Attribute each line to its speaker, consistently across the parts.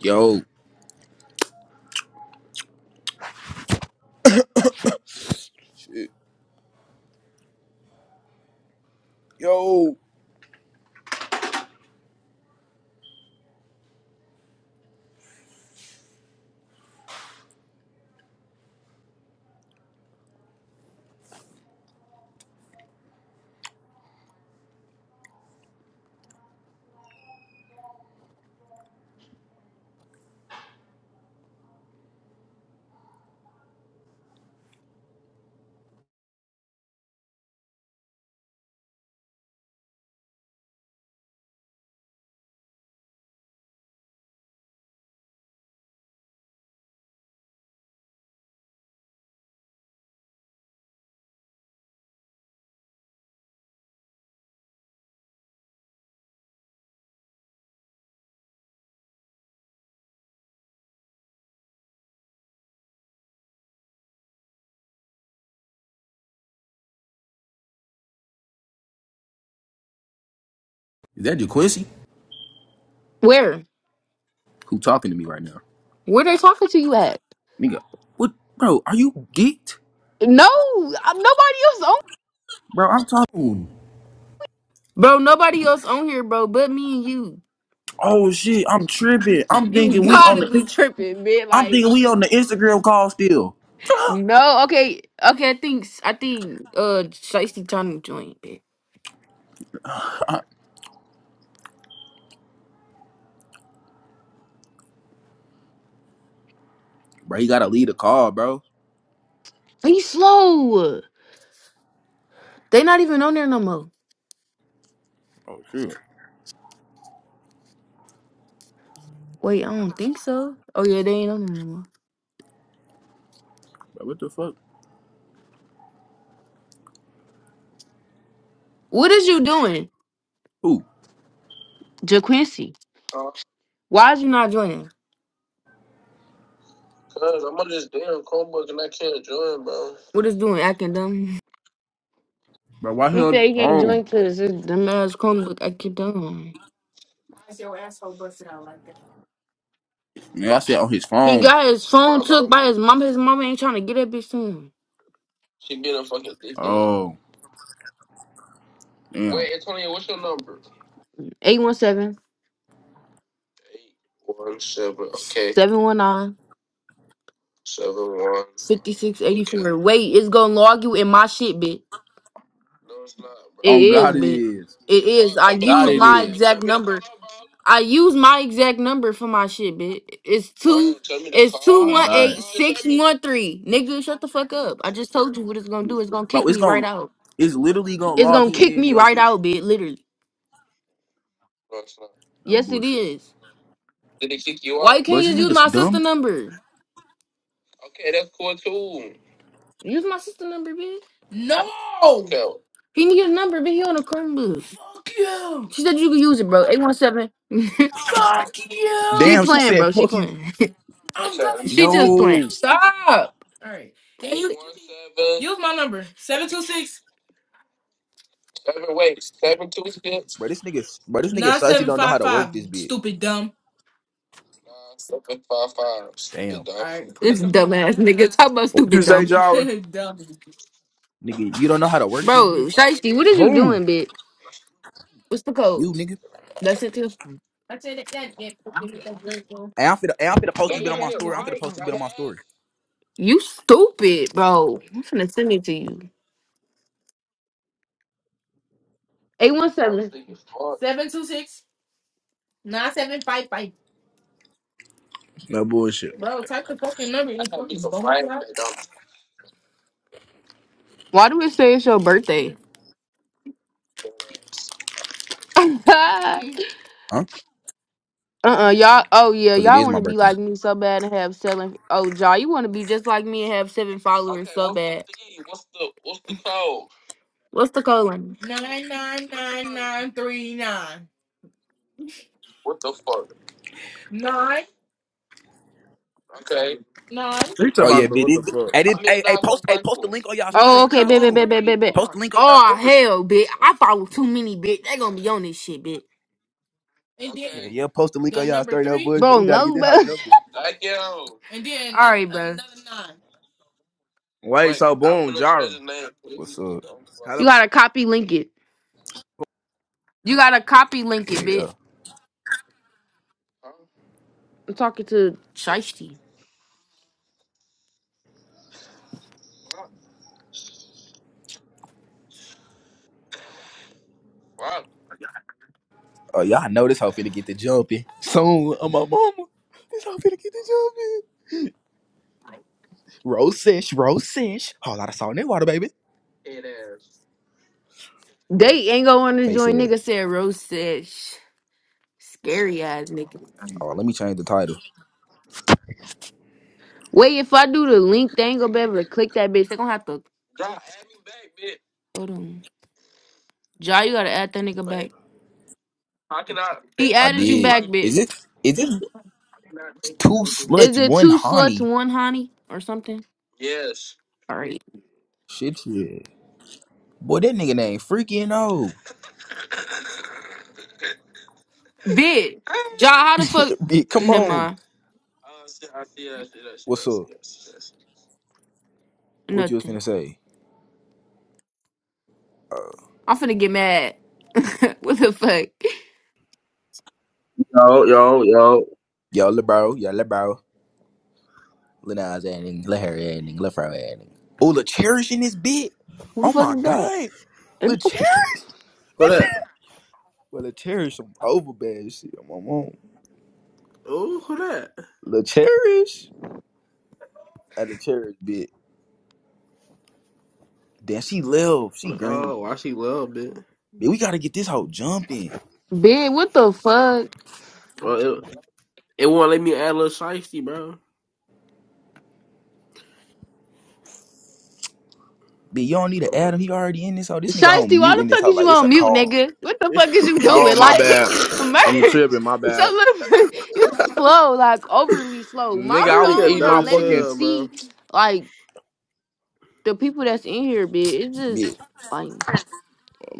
Speaker 1: Yo, Yo, is that DeQuincy?
Speaker 2: Where?
Speaker 1: Who talking to me right now?
Speaker 2: Where they talking to you at?
Speaker 1: Nigga, what, bro? Are you geeked,
Speaker 2: No, I'm, nobody else on.
Speaker 1: bro? I'm talking.
Speaker 2: Bro, nobody else on here, bro, but me and you.
Speaker 1: Oh shit, I'm tripping. I'm
Speaker 2: You
Speaker 1: thinking we on
Speaker 2: gotta be
Speaker 1: the.
Speaker 2: tripping, man.
Speaker 1: I'm
Speaker 2: Like,
Speaker 1: thinking we on the Instagram call still,
Speaker 2: no, okay, okay. I think I think uh, Shiesty trying to join. Bitch.
Speaker 1: bro. You gotta leave the call, bro.
Speaker 2: He slow. They not even on there no more.
Speaker 1: Oh shit,
Speaker 2: Wait, I don't think so. Oh yeah, they ain't on there no more.
Speaker 1: bro. What the fuck?
Speaker 2: What is you doing,
Speaker 1: Who?
Speaker 2: JaQuincy? Why is you not joining? What is doing acting dumb?
Speaker 1: Bro, why he
Speaker 2: He
Speaker 1: on?
Speaker 2: said
Speaker 1: the
Speaker 2: he can't
Speaker 1: phone?
Speaker 2: join because his dumb ass Chromebook acting dumb.
Speaker 1: man, I said on his
Speaker 2: He
Speaker 1: phone.
Speaker 2: got his phone took by his mama. His mama ain't trying to get that bitch to him.
Speaker 1: Oh, damn.
Speaker 2: 817 719 5684. Wait, it's gonna log you in my shit, bitch. It
Speaker 1: On
Speaker 2: is,
Speaker 1: God it
Speaker 2: bitch.
Speaker 1: is.
Speaker 2: It is. I
Speaker 1: On
Speaker 2: use
Speaker 1: God it
Speaker 2: my
Speaker 1: is.
Speaker 2: exact number. I use my exact number for my shit, bitch. It's two. It's two
Speaker 1: On
Speaker 2: one eight
Speaker 1: God,
Speaker 2: six one three. Nigga, shut the fuck up. I just told you what it's gonna do. It's gonna
Speaker 1: bro.
Speaker 2: kick
Speaker 1: It's
Speaker 2: me right
Speaker 1: gonna.
Speaker 2: out.
Speaker 1: It's literally gonna
Speaker 2: It's
Speaker 1: log
Speaker 2: gonna
Speaker 1: him
Speaker 2: kick
Speaker 1: into
Speaker 2: me
Speaker 1: your
Speaker 2: right
Speaker 1: shit.
Speaker 2: out, bitch. Literally.
Speaker 1: No
Speaker 2: Yes, it
Speaker 1: bullshit.
Speaker 2: is. Why out? you can't
Speaker 1: Bro, this
Speaker 2: just use
Speaker 1: nigga's
Speaker 2: my sister
Speaker 1: dumb.
Speaker 2: number? Use my sister number, bitch. He need a number, bitch. He on a Chromebook. Fuck you. She said you could use it, bro. 817. Fuck you. She
Speaker 1: Damn, she
Speaker 2: playing,
Speaker 1: said
Speaker 2: bro. She
Speaker 1: fucking
Speaker 2: playing. she just playing. kill you.
Speaker 1: no.
Speaker 2: Stop.
Speaker 1: Bro, this nigga, bro, this nigga Sussy don't know how to work this bit. Damn.
Speaker 2: This dumbass nigga. Talk about
Speaker 3: What'd you
Speaker 2: stupid
Speaker 3: say,
Speaker 2: dumb.
Speaker 3: Jara?
Speaker 1: Nigga, you don't know how to work this
Speaker 2: Bro,
Speaker 1: bit?
Speaker 2: Shiesty, what is you
Speaker 3: Who?
Speaker 2: doing, bitch? What's the
Speaker 1: You,
Speaker 2: code?
Speaker 1: nigga.
Speaker 2: That's it too.
Speaker 1: Hey, I'm finna, hey, I'm finna post this bit on my story. I'm finna post this bit on my story.
Speaker 2: You stupid, bro. I'm finna send it to you. 817.
Speaker 3: No bullshit.
Speaker 2: Why do we say it's your birthday? uh
Speaker 1: Huh?
Speaker 2: uh-uh, y'all. Oh yeah,
Speaker 1: Because it
Speaker 2: y'all
Speaker 1: is
Speaker 2: want
Speaker 1: my
Speaker 2: to be
Speaker 1: birthday.
Speaker 2: like me so bad and have seven. Oh, Jaw, you want to be just like me and have seven followers so bad. What's the code? Lenny?
Speaker 3: You talking
Speaker 1: Oh, yeah,
Speaker 3: about
Speaker 1: bit.
Speaker 3: what the
Speaker 1: It,
Speaker 3: fuck?
Speaker 1: hey, this- hey, hey, post, hey, post the link on y'all story.
Speaker 2: Oh,
Speaker 1: What
Speaker 2: okay,
Speaker 1: y'all
Speaker 2: baby,
Speaker 1: on?
Speaker 2: baby, baby, baby.
Speaker 1: Post the link on y'all
Speaker 2: Oh
Speaker 1: story.
Speaker 2: hell, bitch, I follow too many, bitch. They gonna be on this shit, bitch.
Speaker 1: Yeah, yeah, post the link on y'all story. No bullshit.
Speaker 2: Bro,
Speaker 1: We got to get
Speaker 2: no,
Speaker 1: this
Speaker 2: bro.
Speaker 1: hot jumping.
Speaker 2: And then, All right, bro.
Speaker 3: Wait, so boom, Jara.
Speaker 1: What's up?
Speaker 3: How the?
Speaker 2: You
Speaker 3: F-
Speaker 2: gotta copy link it. You gotta copy link
Speaker 1: Yeah,
Speaker 2: it, bitch.
Speaker 1: yeah.
Speaker 2: I'm talking to Shiesty.
Speaker 1: Oh, y'all know this hoe finna get the jumping. Soon, on my mama. This hoe finna get the jumping. Rosish, Rosish. Whole lot of salt in that water, baby.
Speaker 2: They ain't gonna want to
Speaker 1: Face
Speaker 2: join
Speaker 1: said,
Speaker 2: nigga said Rose said sh- scary ass nigga.
Speaker 1: "Oh, let me change the title."
Speaker 2: Wait, if I do the link, they ain't gonna be able to click that bitch. They gonna have to hold on. Ja, you gotta add that nigga back. He
Speaker 1: I
Speaker 2: added you
Speaker 1: did.
Speaker 2: back, bitch.
Speaker 1: Is it? Is it two
Speaker 2: Is
Speaker 1: sluts,
Speaker 2: it
Speaker 1: one
Speaker 2: two sluts,
Speaker 1: honey?
Speaker 2: one honey, or something? All right,
Speaker 1: Shit, yeah. Boy, that nigga name freaking old.
Speaker 2: bitch. Ja, how the fuck?
Speaker 1: Bitch, come
Speaker 2: Never
Speaker 1: on.
Speaker 2: mind.
Speaker 1: What's up? What you was
Speaker 2: Nothing.
Speaker 1: finna say? Uh,
Speaker 2: I'm finna get mad. what the fuck?
Speaker 4: Yo, yo, yo.
Speaker 1: yo, lil bro, yo, lil bro, lil Nas adding, lil Harry adding, lil Fro adding. Oh, lil Cherish in this bit.
Speaker 2: Who the
Speaker 1: Oh
Speaker 2: fuck
Speaker 1: my
Speaker 2: is that?
Speaker 1: god, lil Cherish.
Speaker 4: Who that?
Speaker 1: Well, lil Cherish some over bad shit. I'm on.
Speaker 4: Ooh, who that?
Speaker 1: Lil Cherish. At the Cherish bit. Then she live. She green.
Speaker 4: Oh, I see love, bitch.
Speaker 1: Man, we gotta get this hoe jumping.
Speaker 2: Bitch, what the fuck?
Speaker 4: Well, it, it won't let me add a little shiesty, bro.
Speaker 1: Man, you don't need to
Speaker 4: Oh,
Speaker 1: add
Speaker 4: bro.
Speaker 1: him. He already in this hoe. This nigga on
Speaker 2: Shiesty, why
Speaker 1: mute
Speaker 2: the
Speaker 1: in this
Speaker 2: fuck
Speaker 1: hoe
Speaker 2: is you
Speaker 1: like it's
Speaker 2: on
Speaker 1: a
Speaker 2: mute,
Speaker 1: call.
Speaker 2: nigga? What the fuck is you
Speaker 3: oh
Speaker 2: doing?
Speaker 3: my
Speaker 2: Like,
Speaker 3: bad. I'm
Speaker 2: merch.
Speaker 3: tripping. My
Speaker 2: So
Speaker 3: bad,
Speaker 2: little, you slow, like overly slow. My
Speaker 3: nigga. I
Speaker 4: I ain't
Speaker 3: was
Speaker 4: got
Speaker 2: phone
Speaker 3: eating
Speaker 4: dumb
Speaker 3: my
Speaker 2: not
Speaker 4: as
Speaker 2: letting me
Speaker 3: fucking.
Speaker 4: hell, bro.
Speaker 2: see like the people that's in here, bitch. It's
Speaker 1: Man,
Speaker 2: just like,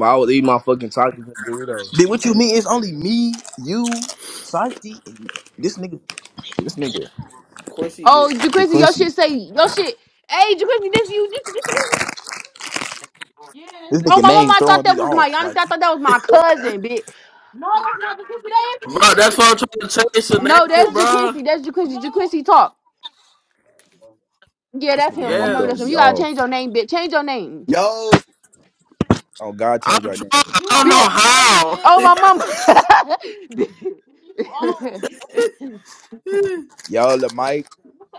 Speaker 3: I was eating my fucking tacos and Doritos.
Speaker 1: man what you mean? It's only me, you, Sati, and this nigga. This nigga,
Speaker 4: Quincy, bitch.
Speaker 2: oh, DeQuincy, your
Speaker 1: DeQuincy.
Speaker 2: shit say your shit. Hey, DeQuincy, this you. This, this, Yes,
Speaker 1: This
Speaker 2: bitch. oh
Speaker 1: nigga
Speaker 2: my
Speaker 1: name
Speaker 2: mama, I thought
Speaker 1: throwing
Speaker 2: that
Speaker 1: me
Speaker 2: was my.
Speaker 1: off. Like
Speaker 2: Honestly, I
Speaker 1: who-
Speaker 2: thought that was my cousin, bitch. No, that's not DeQuincy. That is-
Speaker 4: Bro, that's
Speaker 2: that
Speaker 4: why I'm trying to change
Speaker 2: is-
Speaker 4: the
Speaker 2: No,
Speaker 4: name,
Speaker 2: that's
Speaker 4: bro.
Speaker 2: DeQuincy. That's DeQuincy. DeQuincy talk. Yeah,
Speaker 1: this
Speaker 2: that's
Speaker 1: nigga
Speaker 2: him. Oh,
Speaker 1: name
Speaker 2: mama, that's
Speaker 1: throwing
Speaker 2: him.
Speaker 1: me
Speaker 2: You
Speaker 4: Yes.
Speaker 2: gotta
Speaker 1: off.
Speaker 2: change your name, bitch. Change your name,
Speaker 5: Yo,
Speaker 1: Oh God, change
Speaker 4: I'm
Speaker 1: our
Speaker 4: trying.
Speaker 1: name.
Speaker 4: I don't
Speaker 2: bitch. Oh,
Speaker 4: know
Speaker 2: my You mama. old.
Speaker 4: how.
Speaker 1: Y'all the mic.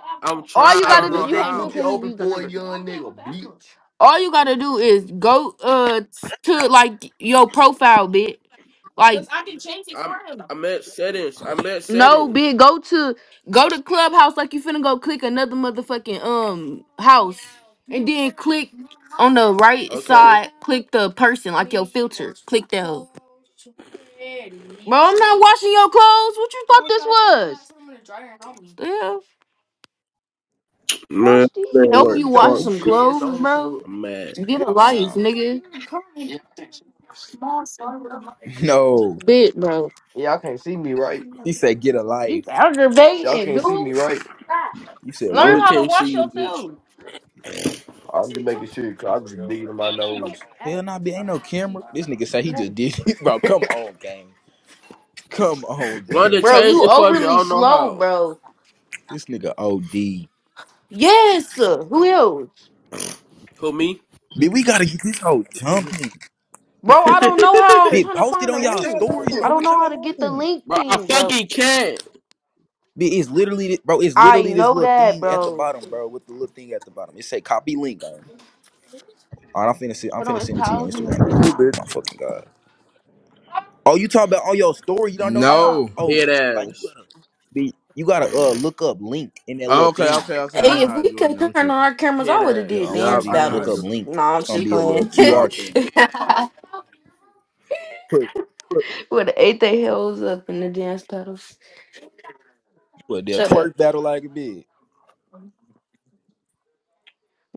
Speaker 4: I'm
Speaker 2: All
Speaker 4: trying.
Speaker 2: you
Speaker 4: I
Speaker 5: hey,
Speaker 2: gotta
Speaker 4: don't
Speaker 2: do,
Speaker 4: know
Speaker 5: bust
Speaker 2: you
Speaker 5: that
Speaker 2: can't do it
Speaker 5: coochie
Speaker 4: how.
Speaker 2: because he
Speaker 5: open
Speaker 2: used the
Speaker 5: for a
Speaker 2: number.
Speaker 5: young nigga, bitch.
Speaker 2: All you gotta do is go uh to like your profile, bitch. Like
Speaker 4: I'm. I'm at settings. I'm at
Speaker 2: No,
Speaker 4: settings.
Speaker 2: bitch, go to go to Clubhouse like you finna go click another motherfucking um house, and then click on the right
Speaker 4: Okay.
Speaker 2: side, click the person like your filter, click that. hoe. Bro, I'm not washing your clothes. What you thought this was? The hell?
Speaker 4: Man, it didn't
Speaker 5: Boy,
Speaker 2: Help
Speaker 5: go
Speaker 4: work.
Speaker 2: you
Speaker 5: get your
Speaker 2: wash
Speaker 4: Fuck.
Speaker 2: some
Speaker 5: goofy ass
Speaker 2: clothes,
Speaker 5: on
Speaker 2: bro.
Speaker 5: somewhere.
Speaker 4: I'm mad.
Speaker 2: Get a life,
Speaker 1: Damn.
Speaker 2: nigga.
Speaker 1: No,
Speaker 2: Bitch, bro.
Speaker 5: Y'all can't see me, right?
Speaker 1: he said get a
Speaker 2: You
Speaker 1: life.
Speaker 5: Y'all
Speaker 2: aggravating,
Speaker 5: can't
Speaker 2: dude.
Speaker 5: see me,
Speaker 2: Learn
Speaker 5: right?
Speaker 1: You said
Speaker 4: No, we
Speaker 1: what?
Speaker 2: how to
Speaker 4: can't see
Speaker 2: wash
Speaker 4: you, bitch.
Speaker 2: yourself,
Speaker 5: I'm just making sure, cause I'm just digging in my nose.
Speaker 1: Hell nah, be ain't no camera. This nigga say he just did it, bro. Come on, gang. Come on,
Speaker 4: London,
Speaker 1: gang.
Speaker 2: bro.
Speaker 4: change
Speaker 2: You
Speaker 4: it for me. I
Speaker 2: overly
Speaker 4: don't know
Speaker 2: slow,
Speaker 4: how.
Speaker 2: bro.
Speaker 1: This nigga OD.
Speaker 2: Yes, who else?
Speaker 4: Who me?
Speaker 1: Bitch, we gotta get this whole jumping.
Speaker 2: Bro, I don't know how I'm
Speaker 1: Bitch,
Speaker 2: trying to
Speaker 1: post it
Speaker 2: find the
Speaker 1: on y'all
Speaker 2: link.
Speaker 1: stories,
Speaker 2: I
Speaker 1: bro.
Speaker 2: don't
Speaker 1: What
Speaker 2: know how to
Speaker 1: y'all
Speaker 2: get the
Speaker 1: on?
Speaker 2: link
Speaker 4: Bro, I
Speaker 2: thing, bro.
Speaker 4: fucking can't.
Speaker 1: Bitch, it's literally, thi- bro. It's
Speaker 2: I
Speaker 1: literally this
Speaker 2: know
Speaker 1: little
Speaker 2: that,
Speaker 1: thing at the
Speaker 2: bro.
Speaker 1: bottom, bro. With the little thing at the bottom. It say copy link. Gang. All right, I'm finna, see, I'm
Speaker 2: Hold
Speaker 1: finna
Speaker 2: on, it's
Speaker 1: send it to you on
Speaker 2: Tyler's in
Speaker 1: Instagram,
Speaker 2: here.
Speaker 1: bro.
Speaker 2: Get them
Speaker 3: You
Speaker 2: out.
Speaker 3: bitch.
Speaker 1: My fucking god. Oh, you talking about on your story? You don't know how?
Speaker 3: No.
Speaker 1: Oh,
Speaker 4: Head
Speaker 1: like you
Speaker 4: ass.
Speaker 1: gotta, be, you gotta uh look up link in that little
Speaker 3: Okay,
Speaker 1: thing.
Speaker 3: okay, okay.
Speaker 1: You
Speaker 3: I
Speaker 2: Hey,
Speaker 3: know
Speaker 1: know?
Speaker 2: if
Speaker 3: how to
Speaker 2: we
Speaker 3: do it
Speaker 2: could
Speaker 3: now.
Speaker 2: turn
Speaker 3: I'm
Speaker 2: on
Speaker 3: tripping.
Speaker 2: our cameras, I
Speaker 4: Head
Speaker 2: would have
Speaker 1: Yeah,
Speaker 2: did
Speaker 4: ass.
Speaker 1: on
Speaker 3: Yup,
Speaker 2: dance
Speaker 3: I
Speaker 1: IG,
Speaker 3: know how
Speaker 1: look
Speaker 3: to do
Speaker 1: up
Speaker 2: battles.
Speaker 3: it.
Speaker 2: No,
Speaker 1: link.
Speaker 2: I'm
Speaker 1: It's gonna
Speaker 2: just
Speaker 1: be a little
Speaker 2: playing.
Speaker 3: Yup.
Speaker 1: QR thing. Put, put,
Speaker 2: would have ate their hells up in the dance battles.
Speaker 1: put that
Speaker 2: Shut up.
Speaker 1: twerk battle like a bitch.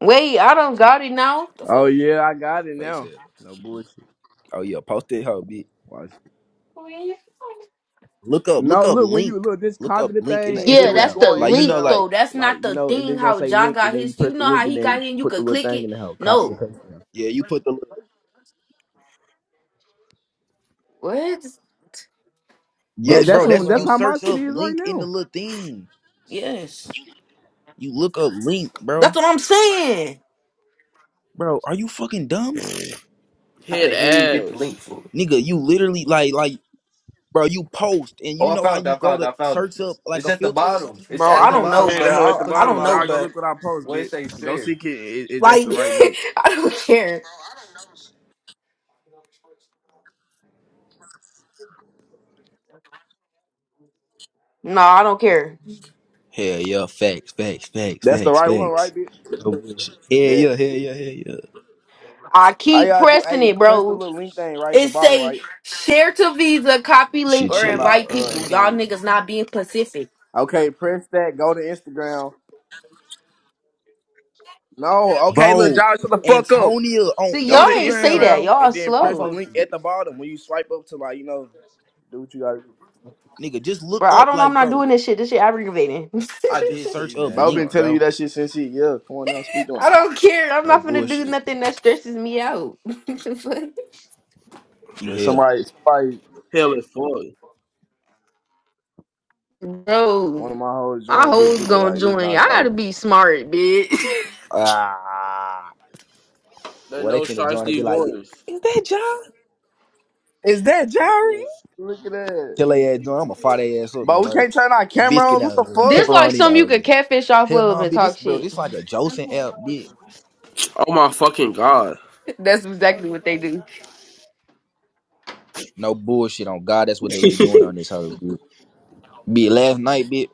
Speaker 2: Wait, I don't got it now. The
Speaker 3: Oh
Speaker 2: fuck?
Speaker 3: yeah, I got it
Speaker 1: Face
Speaker 3: now.
Speaker 1: it.
Speaker 3: No bullshit.
Speaker 1: Oh yeah, post it, hoe, bitch.
Speaker 3: Watch.
Speaker 1: Look up, look
Speaker 3: No,
Speaker 1: up
Speaker 3: look when you
Speaker 1: link.
Speaker 3: look just
Speaker 1: Look up
Speaker 3: copy the
Speaker 1: link in the
Speaker 3: thing, and
Speaker 2: Yeah,
Speaker 3: then when you
Speaker 2: that's
Speaker 1: Instagram.
Speaker 3: go
Speaker 2: the
Speaker 3: on
Speaker 1: Like you know,
Speaker 2: link
Speaker 3: Instagram,
Speaker 1: like
Speaker 2: though. That's
Speaker 3: like
Speaker 2: not
Speaker 3: you
Speaker 2: the
Speaker 3: know, and then
Speaker 2: thing.
Speaker 3: it's gonna
Speaker 2: How
Speaker 3: say
Speaker 2: John
Speaker 3: link, and
Speaker 2: got
Speaker 3: then you
Speaker 2: his. You
Speaker 3: press the
Speaker 2: know
Speaker 3: link,
Speaker 2: how
Speaker 3: and
Speaker 2: he
Speaker 3: then you
Speaker 2: got here. and You
Speaker 3: put the
Speaker 2: could
Speaker 3: little
Speaker 2: click
Speaker 3: thing
Speaker 2: it.
Speaker 3: in the hell, copy
Speaker 2: No.
Speaker 3: and paste. it.
Speaker 1: yeah, you put the little-
Speaker 2: What?
Speaker 1: yeah,
Speaker 2: Bro,
Speaker 3: That
Speaker 2: shut
Speaker 3: that's
Speaker 1: bro.
Speaker 2: up,
Speaker 3: what
Speaker 1: That's
Speaker 3: that's
Speaker 1: you
Speaker 2: bro.
Speaker 3: how my
Speaker 1: search up
Speaker 3: city is right
Speaker 1: link in the
Speaker 3: now.
Speaker 1: little thing.
Speaker 2: Yes.
Speaker 1: You look up link, bro.
Speaker 2: That's what I'm saying.
Speaker 1: Bro, are you fucking dumb,
Speaker 5: How
Speaker 4: Head
Speaker 5: the hell you get the
Speaker 4: ass.
Speaker 5: link for it?
Speaker 1: nigga? You literally like like bro. You post and
Speaker 5: Oh,
Speaker 1: you
Speaker 5: I
Speaker 1: know how
Speaker 5: found it,
Speaker 1: you
Speaker 5: I
Speaker 1: go
Speaker 5: found it,
Speaker 1: to
Speaker 5: I found it.
Speaker 1: search up like
Speaker 5: It's
Speaker 1: a
Speaker 5: at the
Speaker 1: filter or
Speaker 5: bottom.
Speaker 1: something.
Speaker 5: It's
Speaker 2: Bro,
Speaker 5: at
Speaker 2: I
Speaker 3: That's
Speaker 5: the
Speaker 3: what
Speaker 2: don't
Speaker 3: I'm saying.
Speaker 2: know,
Speaker 5: bottom.
Speaker 2: bro.
Speaker 3: The hell at
Speaker 5: Just
Speaker 3: the
Speaker 2: I,
Speaker 5: click
Speaker 2: I
Speaker 5: the
Speaker 2: don't
Speaker 3: bottom,
Speaker 2: know,
Speaker 3: y'all
Speaker 5: bottom.
Speaker 3: go
Speaker 2: but
Speaker 3: look what I post,
Speaker 5: Where it
Speaker 3: bitch.
Speaker 5: say
Speaker 3: Go see
Speaker 5: share.
Speaker 3: it. Is, is that's
Speaker 2: like
Speaker 3: the right link?
Speaker 2: I don't care. No, I don't care.
Speaker 1: Hell yeah, facts, facts, facts,
Speaker 3: That's the
Speaker 1: facts,
Speaker 3: right one,
Speaker 1: facts.
Speaker 3: right, bitch?
Speaker 1: No bullshit. Yeah,
Speaker 3: Bet.
Speaker 1: yeah, yeah, yeah, yeah, yeah.
Speaker 2: I
Speaker 3: How
Speaker 2: keep
Speaker 3: y'all do?
Speaker 2: pressing
Speaker 3: Hey,
Speaker 2: it,
Speaker 3: you press the
Speaker 2: bro.
Speaker 3: little link thing right at the
Speaker 2: It
Speaker 3: bottom,
Speaker 2: say
Speaker 3: right?
Speaker 2: share to Visa, copy link,
Speaker 1: Shit,
Speaker 3: I'm
Speaker 2: or
Speaker 3: talking
Speaker 1: shit.
Speaker 3: about
Speaker 2: invite
Speaker 3: uh
Speaker 2: people. Y'all
Speaker 3: Antonio.
Speaker 2: niggas not being specific.
Speaker 3: Okay, press that. Go to Instagram. No, okay, look,
Speaker 1: Bro,
Speaker 3: y'all shut the fuck up.
Speaker 1: Antonio on
Speaker 2: See,
Speaker 3: Go
Speaker 2: y'all
Speaker 3: to
Speaker 2: ain't say
Speaker 1: Instagram.
Speaker 2: that.
Speaker 3: Instagram
Speaker 2: Y'all
Speaker 3: and
Speaker 2: are
Speaker 3: then
Speaker 5: I
Speaker 3: press the
Speaker 2: slow.
Speaker 3: link
Speaker 5: posted it.
Speaker 3: at the bottom when you swipe up to like you know do what you gotta do.
Speaker 1: Nigga, just look
Speaker 2: Bro, I
Speaker 1: up,
Speaker 2: don't know. I'm
Speaker 1: like,
Speaker 2: not
Speaker 1: bro.
Speaker 2: doing this shit. This shit aggravating.
Speaker 5: I
Speaker 1: Just
Speaker 5: did tell
Speaker 1: search
Speaker 5: you
Speaker 1: up
Speaker 5: that, I'm
Speaker 3: Bo been
Speaker 1: Link,
Speaker 5: sorry.
Speaker 3: telling you
Speaker 1: bro.
Speaker 3: that shit since he yeah. Come on now, speak on
Speaker 2: I
Speaker 3: it.
Speaker 2: don't care. I'm
Speaker 1: No
Speaker 2: not gonna do
Speaker 1: bullshit.
Speaker 2: nothing that stresses me out.
Speaker 1: You
Speaker 3: Yeah,
Speaker 1: hell.
Speaker 3: somebody, somebody,
Speaker 4: Hell it for
Speaker 3: one
Speaker 2: Bro,
Speaker 3: of my hoes
Speaker 2: my
Speaker 3: joined
Speaker 2: hoes
Speaker 3: bitches, but
Speaker 2: gonna
Speaker 3: like it's
Speaker 2: join.
Speaker 3: not
Speaker 2: I
Speaker 3: shy.
Speaker 2: gotta be smart, bitch.
Speaker 1: Ah.
Speaker 4: That
Speaker 1: Well, they
Speaker 4: no
Speaker 1: finna join and be
Speaker 4: shiesty
Speaker 1: like,
Speaker 4: voice.
Speaker 1: is that John?
Speaker 3: Is that Jerry? Look at
Speaker 1: Tell
Speaker 3: that.
Speaker 1: they ass join. I'ma fire they ass up. It's
Speaker 3: But we can't
Speaker 1: merged.
Speaker 3: turn our camera
Speaker 1: Biscuit
Speaker 3: on. What the
Speaker 1: nose in.
Speaker 3: fuck?
Speaker 2: this like
Speaker 1: Pepperoni
Speaker 2: something you
Speaker 1: nose
Speaker 2: could
Speaker 1: in.
Speaker 2: catfish off
Speaker 1: Hell no,
Speaker 2: of and
Speaker 1: bitch.
Speaker 2: talk
Speaker 1: This, bro,
Speaker 2: shit.
Speaker 1: this like a Joseph app, bitch.
Speaker 4: Oh my fucking god.
Speaker 2: That's exactly what they do.
Speaker 1: No bullshit on God. That's what they be doing on
Speaker 4: That's
Speaker 1: this hoe, bitch. Bitch, last night, bitch.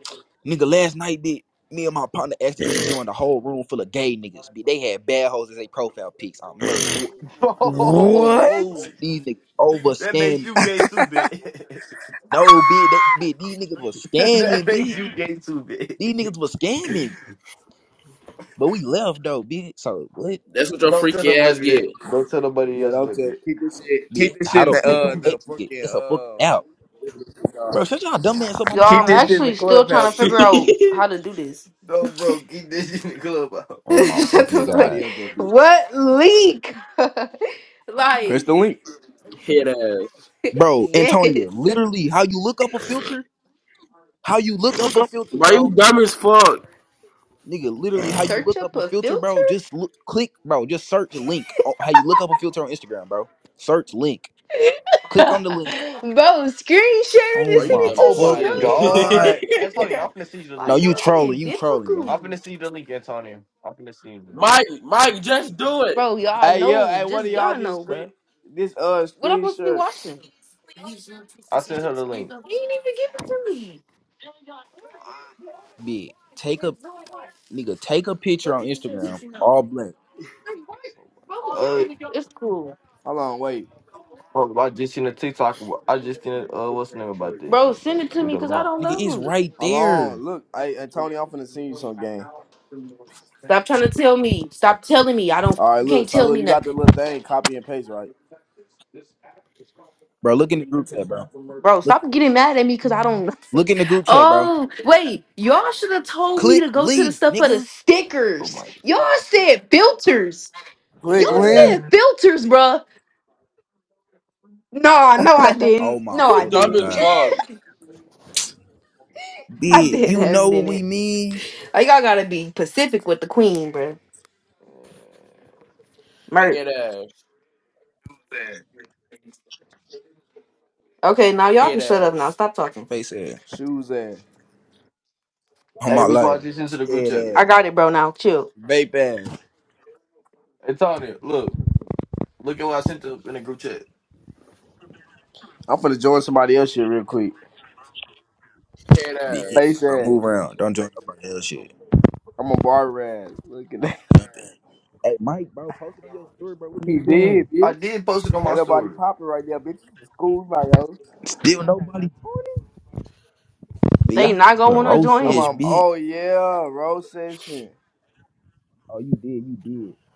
Speaker 1: Nigga, last night, bitch. Me and my partner accidentally joined a whole room full of gay niggas. Bitch, they had bad hoes as they profile pics I'm merch.
Speaker 3: Wh-
Speaker 5: Oh,
Speaker 3: What?
Speaker 5: whoa.
Speaker 1: These niggas over
Speaker 5: That makes
Speaker 1: scam.
Speaker 5: you gay too, bitch.
Speaker 1: No, bitch, they, bitch, these niggas was
Speaker 5: that
Speaker 1: scamming,
Speaker 5: makes
Speaker 1: bitch.
Speaker 5: you gay too,
Speaker 1: These
Speaker 5: bitch.
Speaker 1: niggas was scamming, but we left though, bitch. So what,
Speaker 4: what your
Speaker 5: Don't tell
Speaker 4: freaky ass
Speaker 5: nobody
Speaker 4: get.
Speaker 5: that. Don't tell nobody
Speaker 3: Yeah,
Speaker 5: else
Speaker 3: don't
Speaker 5: that
Speaker 3: tell.
Speaker 5: bit.
Speaker 3: Keep this shit.
Speaker 1: bitch?
Speaker 3: Keep this shit
Speaker 1: How
Speaker 3: in
Speaker 1: do
Speaker 3: the
Speaker 1: nigga
Speaker 3: uh the
Speaker 1: what? Nigga, it's a fucking
Speaker 3: fucking
Speaker 1: out,
Speaker 3: uh.
Speaker 1: bro. Shut y'all dumb ass up on
Speaker 2: Yo,
Speaker 1: my
Speaker 3: Keep
Speaker 2: I'm
Speaker 1: mama,
Speaker 3: this shit
Speaker 1: nigga.
Speaker 3: in the
Speaker 2: actually still trying
Speaker 3: clubhouse,
Speaker 2: to
Speaker 3: bitch.
Speaker 2: figure out how to do this.
Speaker 5: No, bro, keep this shit in the club out.
Speaker 1: Oh my
Speaker 2: Shut
Speaker 3: Don't
Speaker 1: fucking
Speaker 3: tell
Speaker 2: the fuck.
Speaker 1: god,
Speaker 3: nobody else that bitch.
Speaker 2: What leak?
Speaker 3: Press
Speaker 2: like,
Speaker 3: the link.
Speaker 4: Head ass.
Speaker 1: bro, Antonio.
Speaker 2: yes.
Speaker 1: Literally, how you look up a filter? How you look up a filter,
Speaker 4: Bro, you
Speaker 1: bro?
Speaker 4: dumb as fuck.
Speaker 1: Nigga, literally, how you
Speaker 2: Search
Speaker 1: look up
Speaker 2: up
Speaker 1: a
Speaker 2: a
Speaker 1: filter,
Speaker 2: filter?
Speaker 1: bro? Just look, click, bro. Just search a link. Oh, How you look up a filter on Instagram, bro? Search link. Click on the link.
Speaker 2: bro, screen sharing
Speaker 1: Oh
Speaker 4: Bro,
Speaker 2: and
Speaker 4: you
Speaker 2: send
Speaker 1: my
Speaker 2: it
Speaker 4: dumb
Speaker 5: Oh
Speaker 4: as
Speaker 2: to me,
Speaker 5: my
Speaker 4: shit.
Speaker 1: fucking
Speaker 2: bro.
Speaker 5: god,
Speaker 1: god.
Speaker 5: Antonio, I'm finna send you the
Speaker 1: No,
Speaker 2: Like
Speaker 5: link,
Speaker 2: y'all
Speaker 1: you
Speaker 5: bro.
Speaker 1: trolling.
Speaker 2: being
Speaker 1: You trolling, gang.
Speaker 5: I'm finna
Speaker 2: difficult.
Speaker 5: send you the link, Antonio. I'm finna send you the link.
Speaker 4: Mike, Mike, just do it.
Speaker 2: Bro, y'all
Speaker 3: Hey, yeah,
Speaker 2: know.
Speaker 3: hey, what
Speaker 2: Just
Speaker 3: do y'all
Speaker 2: y'all
Speaker 3: this
Speaker 2: know,
Speaker 3: screen
Speaker 2: bro.
Speaker 3: this uh
Speaker 2: What I'm
Speaker 3: screen
Speaker 2: supposed to be
Speaker 3: shirt?
Speaker 2: watching? He didn't
Speaker 5: I sent
Speaker 2: even
Speaker 5: her the link.
Speaker 2: give it to me.
Speaker 1: Big. Take a nigga, take a picture on Instagram, all black.
Speaker 2: Bro,
Speaker 5: Uh,
Speaker 2: It's cool.
Speaker 3: Hold on, wait.
Speaker 5: bro, I just seen a TikTok. I just seen a, uh, what's the name about this
Speaker 2: Bro,
Speaker 5: shit, bro?
Speaker 2: send it
Speaker 5: Let
Speaker 2: to
Speaker 5: me
Speaker 2: me
Speaker 5: go to
Speaker 2: because I
Speaker 5: my.
Speaker 2: don't
Speaker 1: Nigga, it's
Speaker 2: know.
Speaker 1: right
Speaker 3: Hold on.
Speaker 1: there.
Speaker 3: Look, hey hey, Tony, I'm finna send you some game.
Speaker 2: Stop trying to tell me. Stop telling me. I don't
Speaker 3: All right,
Speaker 2: you
Speaker 3: look,
Speaker 2: can't
Speaker 3: so
Speaker 2: tell
Speaker 3: look,
Speaker 2: me
Speaker 3: you got the
Speaker 2: nothing.
Speaker 3: little thing, copy and paste, right?
Speaker 1: Bro, look in the group chat, bro.
Speaker 2: Bro,
Speaker 1: Look
Speaker 2: stop getting mad at me because I don't
Speaker 1: look in the group chat, bro.
Speaker 2: Oh, wait. Y'all should have told me
Speaker 1: Click
Speaker 2: to go to the
Speaker 1: link,
Speaker 2: stuff for the
Speaker 1: nigga.
Speaker 5: Oh
Speaker 2: stickers.
Speaker 5: my.
Speaker 2: Y'all said filters. Y'all
Speaker 3: Click
Speaker 4: Head ass.
Speaker 3: link.
Speaker 2: said filters, bruh. No, no, I
Speaker 1: Oh
Speaker 2: didn't.
Speaker 1: my
Speaker 2: No, I
Speaker 4: You
Speaker 1: fucking
Speaker 4: dumb as
Speaker 2: didn't.
Speaker 1: god.
Speaker 4: fuck.
Speaker 2: I
Speaker 1: Big,
Speaker 2: did
Speaker 1: you know
Speaker 2: have
Speaker 1: what
Speaker 2: didn't.
Speaker 1: we mean?
Speaker 2: Oh, y'all gotta be pacific with the queen, bro. Merc.
Speaker 4: Head ass.
Speaker 2: Okay, now y'all
Speaker 4: Hit
Speaker 2: can shut up now.
Speaker 4: ass.
Speaker 2: Stop talking.
Speaker 1: Face ass.
Speaker 3: Shoes ass.
Speaker 1: On
Speaker 5: Hey,
Speaker 1: my
Speaker 5: look what I
Speaker 1: life.
Speaker 5: just sent to the group
Speaker 1: Head
Speaker 5: chat,
Speaker 2: I
Speaker 5: man.
Speaker 1: ass.
Speaker 2: got it, bro. Now chill.
Speaker 3: Vape ass.
Speaker 5: Antonio, look, look at what I sent up in the group chat.
Speaker 3: I'm finna join somebody else here real quick.
Speaker 4: hit
Speaker 1: Big get,
Speaker 3: Face
Speaker 4: Headass.
Speaker 1: bro. Move
Speaker 3: ass.
Speaker 1: around. Don't join nobody else shit.
Speaker 3: I'm a barber ass. Look at that.
Speaker 1: Hey Mike, bro, post it on your story, bro. What are you
Speaker 3: He did,
Speaker 1: doing?
Speaker 5: I
Speaker 3: bitch.
Speaker 5: did post it on my
Speaker 3: Ain't nobody
Speaker 5: story.
Speaker 3: popping right there, bitch. It's school my yo.
Speaker 1: Still nobody pointing? But y'all
Speaker 2: They not
Speaker 1: gotta
Speaker 2: gonna
Speaker 1: put
Speaker 2: wanna
Speaker 1: roast
Speaker 3: I'm
Speaker 1: edge,
Speaker 2: join.
Speaker 3: on
Speaker 1: bitch.
Speaker 3: oh yeah, road session.
Speaker 1: Oh, you did, you did.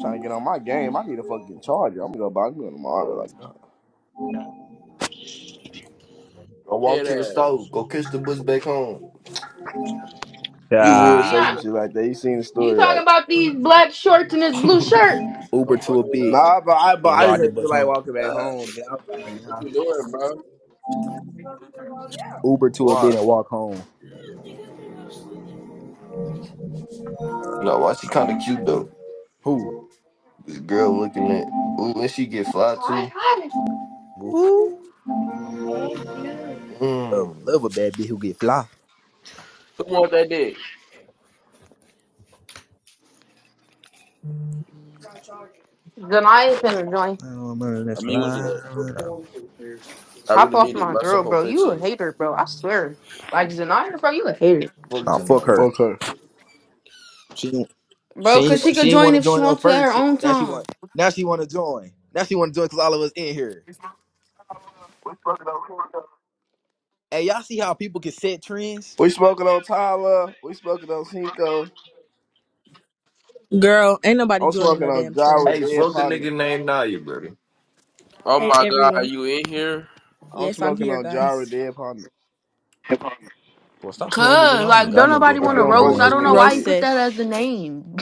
Speaker 3: trying to get on my game. I need a fucking charger. I'm gonna go buy me one tomorrow. Like,
Speaker 5: I walked
Speaker 4: hit
Speaker 5: to the
Speaker 4: Headass.
Speaker 5: store, go catch the bus back home.
Speaker 3: You would say some
Speaker 1: Ah,
Speaker 2: Deanna,
Speaker 3: shit like that. You seen the
Speaker 2: you
Speaker 3: story,
Speaker 2: talking
Speaker 3: right?
Speaker 2: about these black shorts and this blue shirt?
Speaker 1: Uber
Speaker 4: Don't
Speaker 1: to a
Speaker 4: fucking
Speaker 1: bitch.
Speaker 4: up.
Speaker 3: Nah, but I but
Speaker 1: and
Speaker 3: I just
Speaker 1: ride the
Speaker 3: didn't
Speaker 1: bus
Speaker 3: feel like
Speaker 1: home.
Speaker 3: walking back
Speaker 4: What
Speaker 3: home. Man. I'm sorry, nah.
Speaker 4: you doing, bro?
Speaker 1: Uber to a
Speaker 4: Why?
Speaker 1: bit and walk home.
Speaker 5: no, why she kind of cute though.
Speaker 1: Who?
Speaker 5: This girl looking at. Ooh, and she get fly too.
Speaker 1: Who? Love,
Speaker 5: Mmm.
Speaker 1: love a bad bitch who get fly.
Speaker 4: Who want that dick?
Speaker 2: Zanaya finna join.
Speaker 1: I don't remember that's
Speaker 4: I'm using
Speaker 1: fly.
Speaker 4: it. I
Speaker 2: Hop
Speaker 4: really
Speaker 2: off
Speaker 4: need it.
Speaker 2: my girl,
Speaker 4: Myself on
Speaker 2: bro. You a
Speaker 4: 15.
Speaker 2: hater, bro. I swear. Like Zanaya, bro, you a hater.
Speaker 5: Fuck
Speaker 1: Nah, fuck
Speaker 5: tonight.
Speaker 1: her.
Speaker 3: Fuck her.
Speaker 1: She ain't- she
Speaker 2: Bro,
Speaker 1: ain't,
Speaker 2: cause she
Speaker 1: she
Speaker 2: could
Speaker 1: ain't
Speaker 2: join
Speaker 1: want to
Speaker 2: if she
Speaker 1: join up
Speaker 2: wants to at
Speaker 1: first.
Speaker 2: her
Speaker 1: She,
Speaker 2: own
Speaker 1: now she
Speaker 2: time.
Speaker 1: want now she want to join. Now she want to join because all of us in here. Hey, y'all see how people can set trends?
Speaker 3: We smoking on Tyler. We smoking on Cinco.
Speaker 6: Girl, ain't nobody
Speaker 3: I'm
Speaker 6: joining
Speaker 3: smoking
Speaker 6: no
Speaker 3: on
Speaker 6: damn trend.
Speaker 3: Jara
Speaker 5: Hey,
Speaker 3: Dead
Speaker 5: fuck a
Speaker 3: Partner.
Speaker 5: nigga named Naya, brother.
Speaker 4: Oh
Speaker 6: Hey
Speaker 4: my god, are
Speaker 6: everyone.
Speaker 4: you in here?
Speaker 3: I'm
Speaker 6: Yes, I'm
Speaker 3: smoking
Speaker 6: here,
Speaker 3: on Jara
Speaker 6: guys.
Speaker 3: Dead Partner.
Speaker 1: Boy, stop playing me, nigga.
Speaker 2: Cause
Speaker 1: I
Speaker 4: What
Speaker 1: ain't
Speaker 4: the
Speaker 2: like
Speaker 1: got
Speaker 2: don't
Speaker 1: no
Speaker 4: hell?
Speaker 2: nobody
Speaker 1: dead
Speaker 3: I
Speaker 2: want to
Speaker 1: partner,
Speaker 3: don't fuck
Speaker 2: roast.
Speaker 3: with
Speaker 2: I
Speaker 1: dumbass
Speaker 3: them
Speaker 2: don't know
Speaker 1: boy.
Speaker 3: niggas,
Speaker 2: why he
Speaker 6: Roast
Speaker 3: bitch.
Speaker 2: put that as
Speaker 6: sesh.
Speaker 2: the name.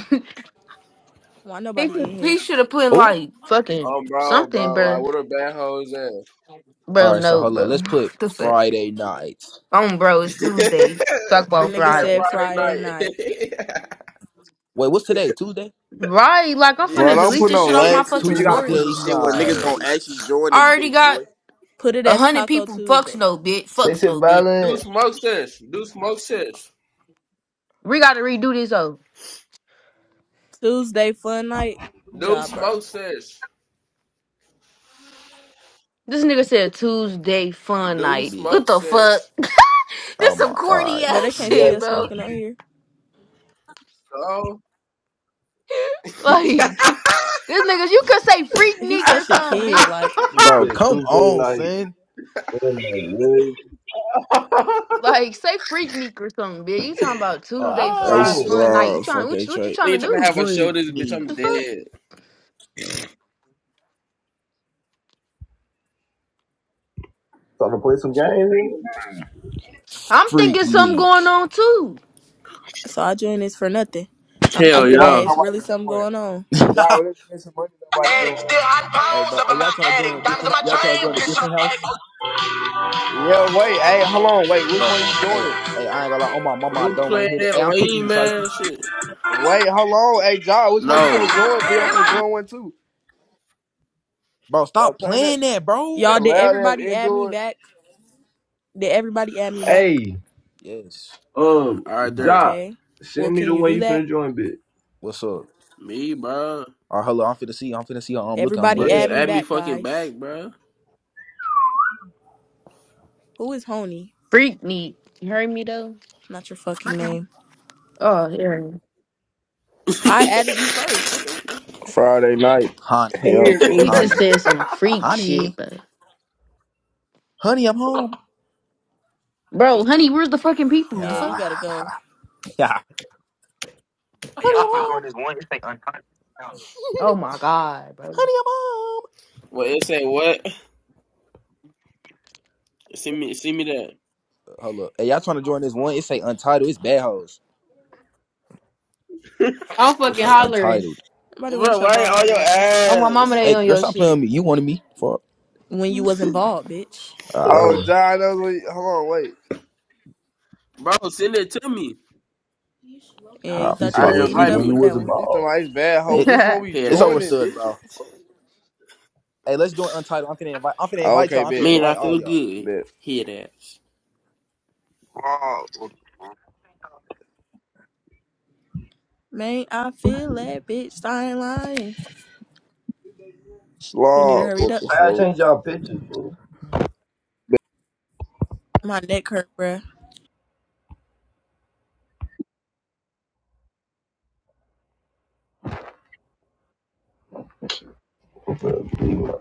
Speaker 6: Why
Speaker 2: he
Speaker 6: nobody in
Speaker 2: he
Speaker 6: here?
Speaker 2: should have put
Speaker 1: Oh,
Speaker 2: like fucking
Speaker 4: Oh, bro,
Speaker 2: something,
Speaker 4: bro,
Speaker 2: bro.
Speaker 4: like, what a bad hoes at?
Speaker 1: all
Speaker 2: Bro,
Speaker 1: right. So
Speaker 2: no,
Speaker 1: hold on.
Speaker 2: bro.
Speaker 1: Let's put
Speaker 2: What the fuck?
Speaker 1: Friday night.
Speaker 2: On bro, it's Tuesday. Talk about
Speaker 4: Niggas
Speaker 6: Nigga
Speaker 4: there
Speaker 2: Friday.
Speaker 6: said
Speaker 4: Friday
Speaker 6: Friday
Speaker 4: night.
Speaker 6: night.
Speaker 1: Wait, what's today? Tuesday.
Speaker 2: Right, like I'm finna
Speaker 3: But I'm
Speaker 2: delete
Speaker 4: yes.
Speaker 3: putting
Speaker 2: this shit
Speaker 3: on
Speaker 2: off my
Speaker 3: lame shit.
Speaker 2: fucking
Speaker 3: But you gotta put
Speaker 1: Tuesday
Speaker 3: some
Speaker 2: story.
Speaker 3: shit where niggas gonna
Speaker 1: night.
Speaker 3: actually join
Speaker 2: I
Speaker 3: this
Speaker 2: already
Speaker 3: bitch,
Speaker 2: got
Speaker 3: boy.
Speaker 6: Put it
Speaker 2: a
Speaker 6: as
Speaker 2: hundred
Speaker 6: Taco
Speaker 2: people. Fucks
Speaker 6: Tuesday.
Speaker 2: no bitch.
Speaker 5: Sex
Speaker 2: Fucks
Speaker 5: and
Speaker 2: no bitch.
Speaker 4: Do
Speaker 5: violent.
Speaker 4: smoke sesh. Do smoke sesh.
Speaker 2: We gotta redo this though.
Speaker 6: Tuesday fun night.
Speaker 4: Do
Speaker 6: Job, bro.
Speaker 4: smoke sesh.
Speaker 2: This nigga said Tuesday fun
Speaker 4: Do
Speaker 2: night.
Speaker 1: Yeah.
Speaker 2: What
Speaker 4: smoke
Speaker 2: the fuck?
Speaker 4: sesh.
Speaker 1: Oh
Speaker 2: this
Speaker 1: my
Speaker 2: some
Speaker 1: god.
Speaker 2: corny
Speaker 6: But they
Speaker 5: You
Speaker 2: ass
Speaker 6: can't see
Speaker 5: guys
Speaker 2: shit,
Speaker 6: us
Speaker 2: bro.
Speaker 6: smoking on here.
Speaker 4: So,
Speaker 2: Like this niggas, you could say freak
Speaker 6: He's
Speaker 2: neek or
Speaker 6: such a
Speaker 2: something,
Speaker 6: kid,
Speaker 2: bitch.
Speaker 6: like
Speaker 5: niggas
Speaker 1: Bro,
Speaker 5: said
Speaker 1: come
Speaker 5: Tuesday
Speaker 1: on,
Speaker 5: night.
Speaker 1: son.
Speaker 5: What am I really?
Speaker 2: Like say freak neek or something, bitch. You talking about
Speaker 1: All
Speaker 2: Tuesday
Speaker 1: right,
Speaker 3: They
Speaker 1: bro.
Speaker 2: fry
Speaker 5: Damn.
Speaker 4: ah,
Speaker 2: fun night? You
Speaker 3: slow.
Speaker 2: trying
Speaker 3: Fuck
Speaker 2: what?
Speaker 3: a
Speaker 2: You, what you
Speaker 3: trade.
Speaker 4: they
Speaker 2: trying to
Speaker 4: trying to
Speaker 2: do?
Speaker 4: have a show
Speaker 1: Freak
Speaker 4: this bitch.
Speaker 2: What
Speaker 4: I'm
Speaker 2: the fuck?
Speaker 1: Neek.
Speaker 4: dead.
Speaker 5: Trying to play some games? nigga?
Speaker 2: I'm
Speaker 1: Freak
Speaker 2: thinking something going
Speaker 1: Neek.
Speaker 2: on too.
Speaker 6: so I joined this for nothing. I'm
Speaker 4: Hell
Speaker 6: thinking
Speaker 3: Why
Speaker 6: that
Speaker 4: yeah.
Speaker 6: it's really
Speaker 3: nobody
Speaker 6: something
Speaker 3: join?
Speaker 6: going on.
Speaker 3: Jara,
Speaker 1: hey,
Speaker 3: let's get some money. Nobody
Speaker 5: Addict,
Speaker 3: doing.
Speaker 5: still hot pounds
Speaker 1: bro.
Speaker 5: up
Speaker 1: Hey,
Speaker 5: in
Speaker 1: y'all
Speaker 5: my
Speaker 1: trying to join a
Speaker 5: attic, diamonds in
Speaker 1: different? Y'all trying
Speaker 5: my
Speaker 1: to
Speaker 5: chain.
Speaker 1: join a different house,
Speaker 3: Yeah, wait. Hey, hold on. Wait, which
Speaker 1: bro?
Speaker 3: one you doing
Speaker 1: Hey,
Speaker 3: it?
Speaker 1: hey, I ain't gonna lie. Oh my mama, I
Speaker 4: Who
Speaker 1: don't want to
Speaker 4: playing
Speaker 1: hear that.
Speaker 4: that
Speaker 1: Hey, I'm kicking you,
Speaker 4: lame
Speaker 1: Shiesty.
Speaker 4: ass shit?
Speaker 3: Wait, how long? Hey, John, which one you
Speaker 4: No.
Speaker 3: finna join? Be I'm finna join one too.
Speaker 1: Bro,
Speaker 3: Bro,
Speaker 1: stop
Speaker 3: turn that
Speaker 1: playing that, bro.
Speaker 6: Y'all,
Speaker 3: that
Speaker 6: did
Speaker 3: loud ass
Speaker 6: everybody add me
Speaker 3: indoor.
Speaker 6: back? Did everybody add me back?
Speaker 5: Hey,
Speaker 1: Yes.
Speaker 5: um,
Speaker 4: Alright there.
Speaker 5: Jock,
Speaker 6: Okay. Well,
Speaker 5: send me
Speaker 6: can
Speaker 5: the
Speaker 6: you
Speaker 5: one
Speaker 6: do
Speaker 5: you
Speaker 6: that?
Speaker 5: finna join, bitch.
Speaker 1: What's up?
Speaker 4: Me, bro.
Speaker 1: All right, hello. I'm finna see. I'm finna see. I'm looking. I'm
Speaker 4: Bro,
Speaker 6: Everybody
Speaker 1: looking.
Speaker 4: just
Speaker 6: add
Speaker 5: Yeah.
Speaker 6: me
Speaker 4: add me
Speaker 6: back,
Speaker 4: fucking back,
Speaker 6: guys.
Speaker 4: bro.
Speaker 6: Who is Honey?
Speaker 2: Freak me. You heard me though?
Speaker 6: Not your fucking name.
Speaker 2: Oh, he heard me.
Speaker 6: I added you first, nigga.
Speaker 3: Friday night.
Speaker 1: Honey,
Speaker 5: Come
Speaker 3: Hell
Speaker 5: here,
Speaker 3: no.
Speaker 2: He just
Speaker 5: baby.
Speaker 1: honey,
Speaker 2: said some freak shit,
Speaker 1: honey,
Speaker 2: but
Speaker 1: honey. I'm home.
Speaker 2: bro, honey, where's the fucking people?
Speaker 1: Yeah,
Speaker 2: The
Speaker 6: Yeah, you
Speaker 2: fuck?
Speaker 6: gotta go.
Speaker 1: yeah. Honey, I'm home.
Speaker 2: Oh my god, bro.
Speaker 1: honey, I'm home.
Speaker 4: What it say? What? Send me, send me that.
Speaker 1: Hold up. Hey, y'all trying to join this one? It say untitled. It's bad hoes.
Speaker 2: I'm
Speaker 1: It
Speaker 2: fucking
Speaker 1: say
Speaker 2: hollering.
Speaker 1: untitled.
Speaker 6: Nobody
Speaker 4: Bro,
Speaker 6: wants your
Speaker 4: why ain't
Speaker 6: bald
Speaker 4: all your
Speaker 6: headed ass
Speaker 2: Oh my mama,
Speaker 4: ass?
Speaker 2: they
Speaker 1: Hey,
Speaker 2: on
Speaker 1: girl,
Speaker 2: your
Speaker 1: stop playing
Speaker 2: shit.
Speaker 1: with me. You wanted me. Fuck.
Speaker 6: when you wasn't bald, bitch.
Speaker 1: Ah,
Speaker 5: Yeah.
Speaker 3: Oh, John, that was, what- hold on, wait.
Speaker 4: Bro, send it to me.
Speaker 6: Yeah, you
Speaker 1: ah
Speaker 5: He
Speaker 6: thought you
Speaker 5: said
Speaker 4: Alright,
Speaker 6: was
Speaker 5: when
Speaker 1: fuck.
Speaker 6: eating it
Speaker 5: you
Speaker 4: invite
Speaker 5: when
Speaker 6: up
Speaker 5: you
Speaker 4: me.
Speaker 6: with
Speaker 5: was
Speaker 6: that
Speaker 5: a
Speaker 6: one.
Speaker 3: He's
Speaker 5: ball.
Speaker 3: talking about these bad hoes.
Speaker 1: It,
Speaker 3: Which one we
Speaker 4: Head
Speaker 1: it's
Speaker 4: ass.
Speaker 3: joining,
Speaker 1: overstood,
Speaker 3: bitch? What
Speaker 1: bro.
Speaker 3: the fuck?
Speaker 1: Hey, let's do join untitled. I'm finna invite. I'm finna
Speaker 3: Oh,
Speaker 1: invite
Speaker 3: okay,
Speaker 1: y'all. I'm finna
Speaker 3: bet,
Speaker 4: Man,
Speaker 3: bet,
Speaker 4: I
Speaker 1: invite all
Speaker 4: feel
Speaker 1: y'all.
Speaker 4: good.
Speaker 3: bet.
Speaker 4: Head ass.
Speaker 6: Man, I feel that bitch. I ain't lying. You need to
Speaker 3: Slob,
Speaker 6: hurry it
Speaker 3: what
Speaker 6: up.
Speaker 3: the
Speaker 5: I gotta
Speaker 3: fuck?
Speaker 5: change y'all pictures,
Speaker 6: My neck hurt, bruh.
Speaker 5: fool.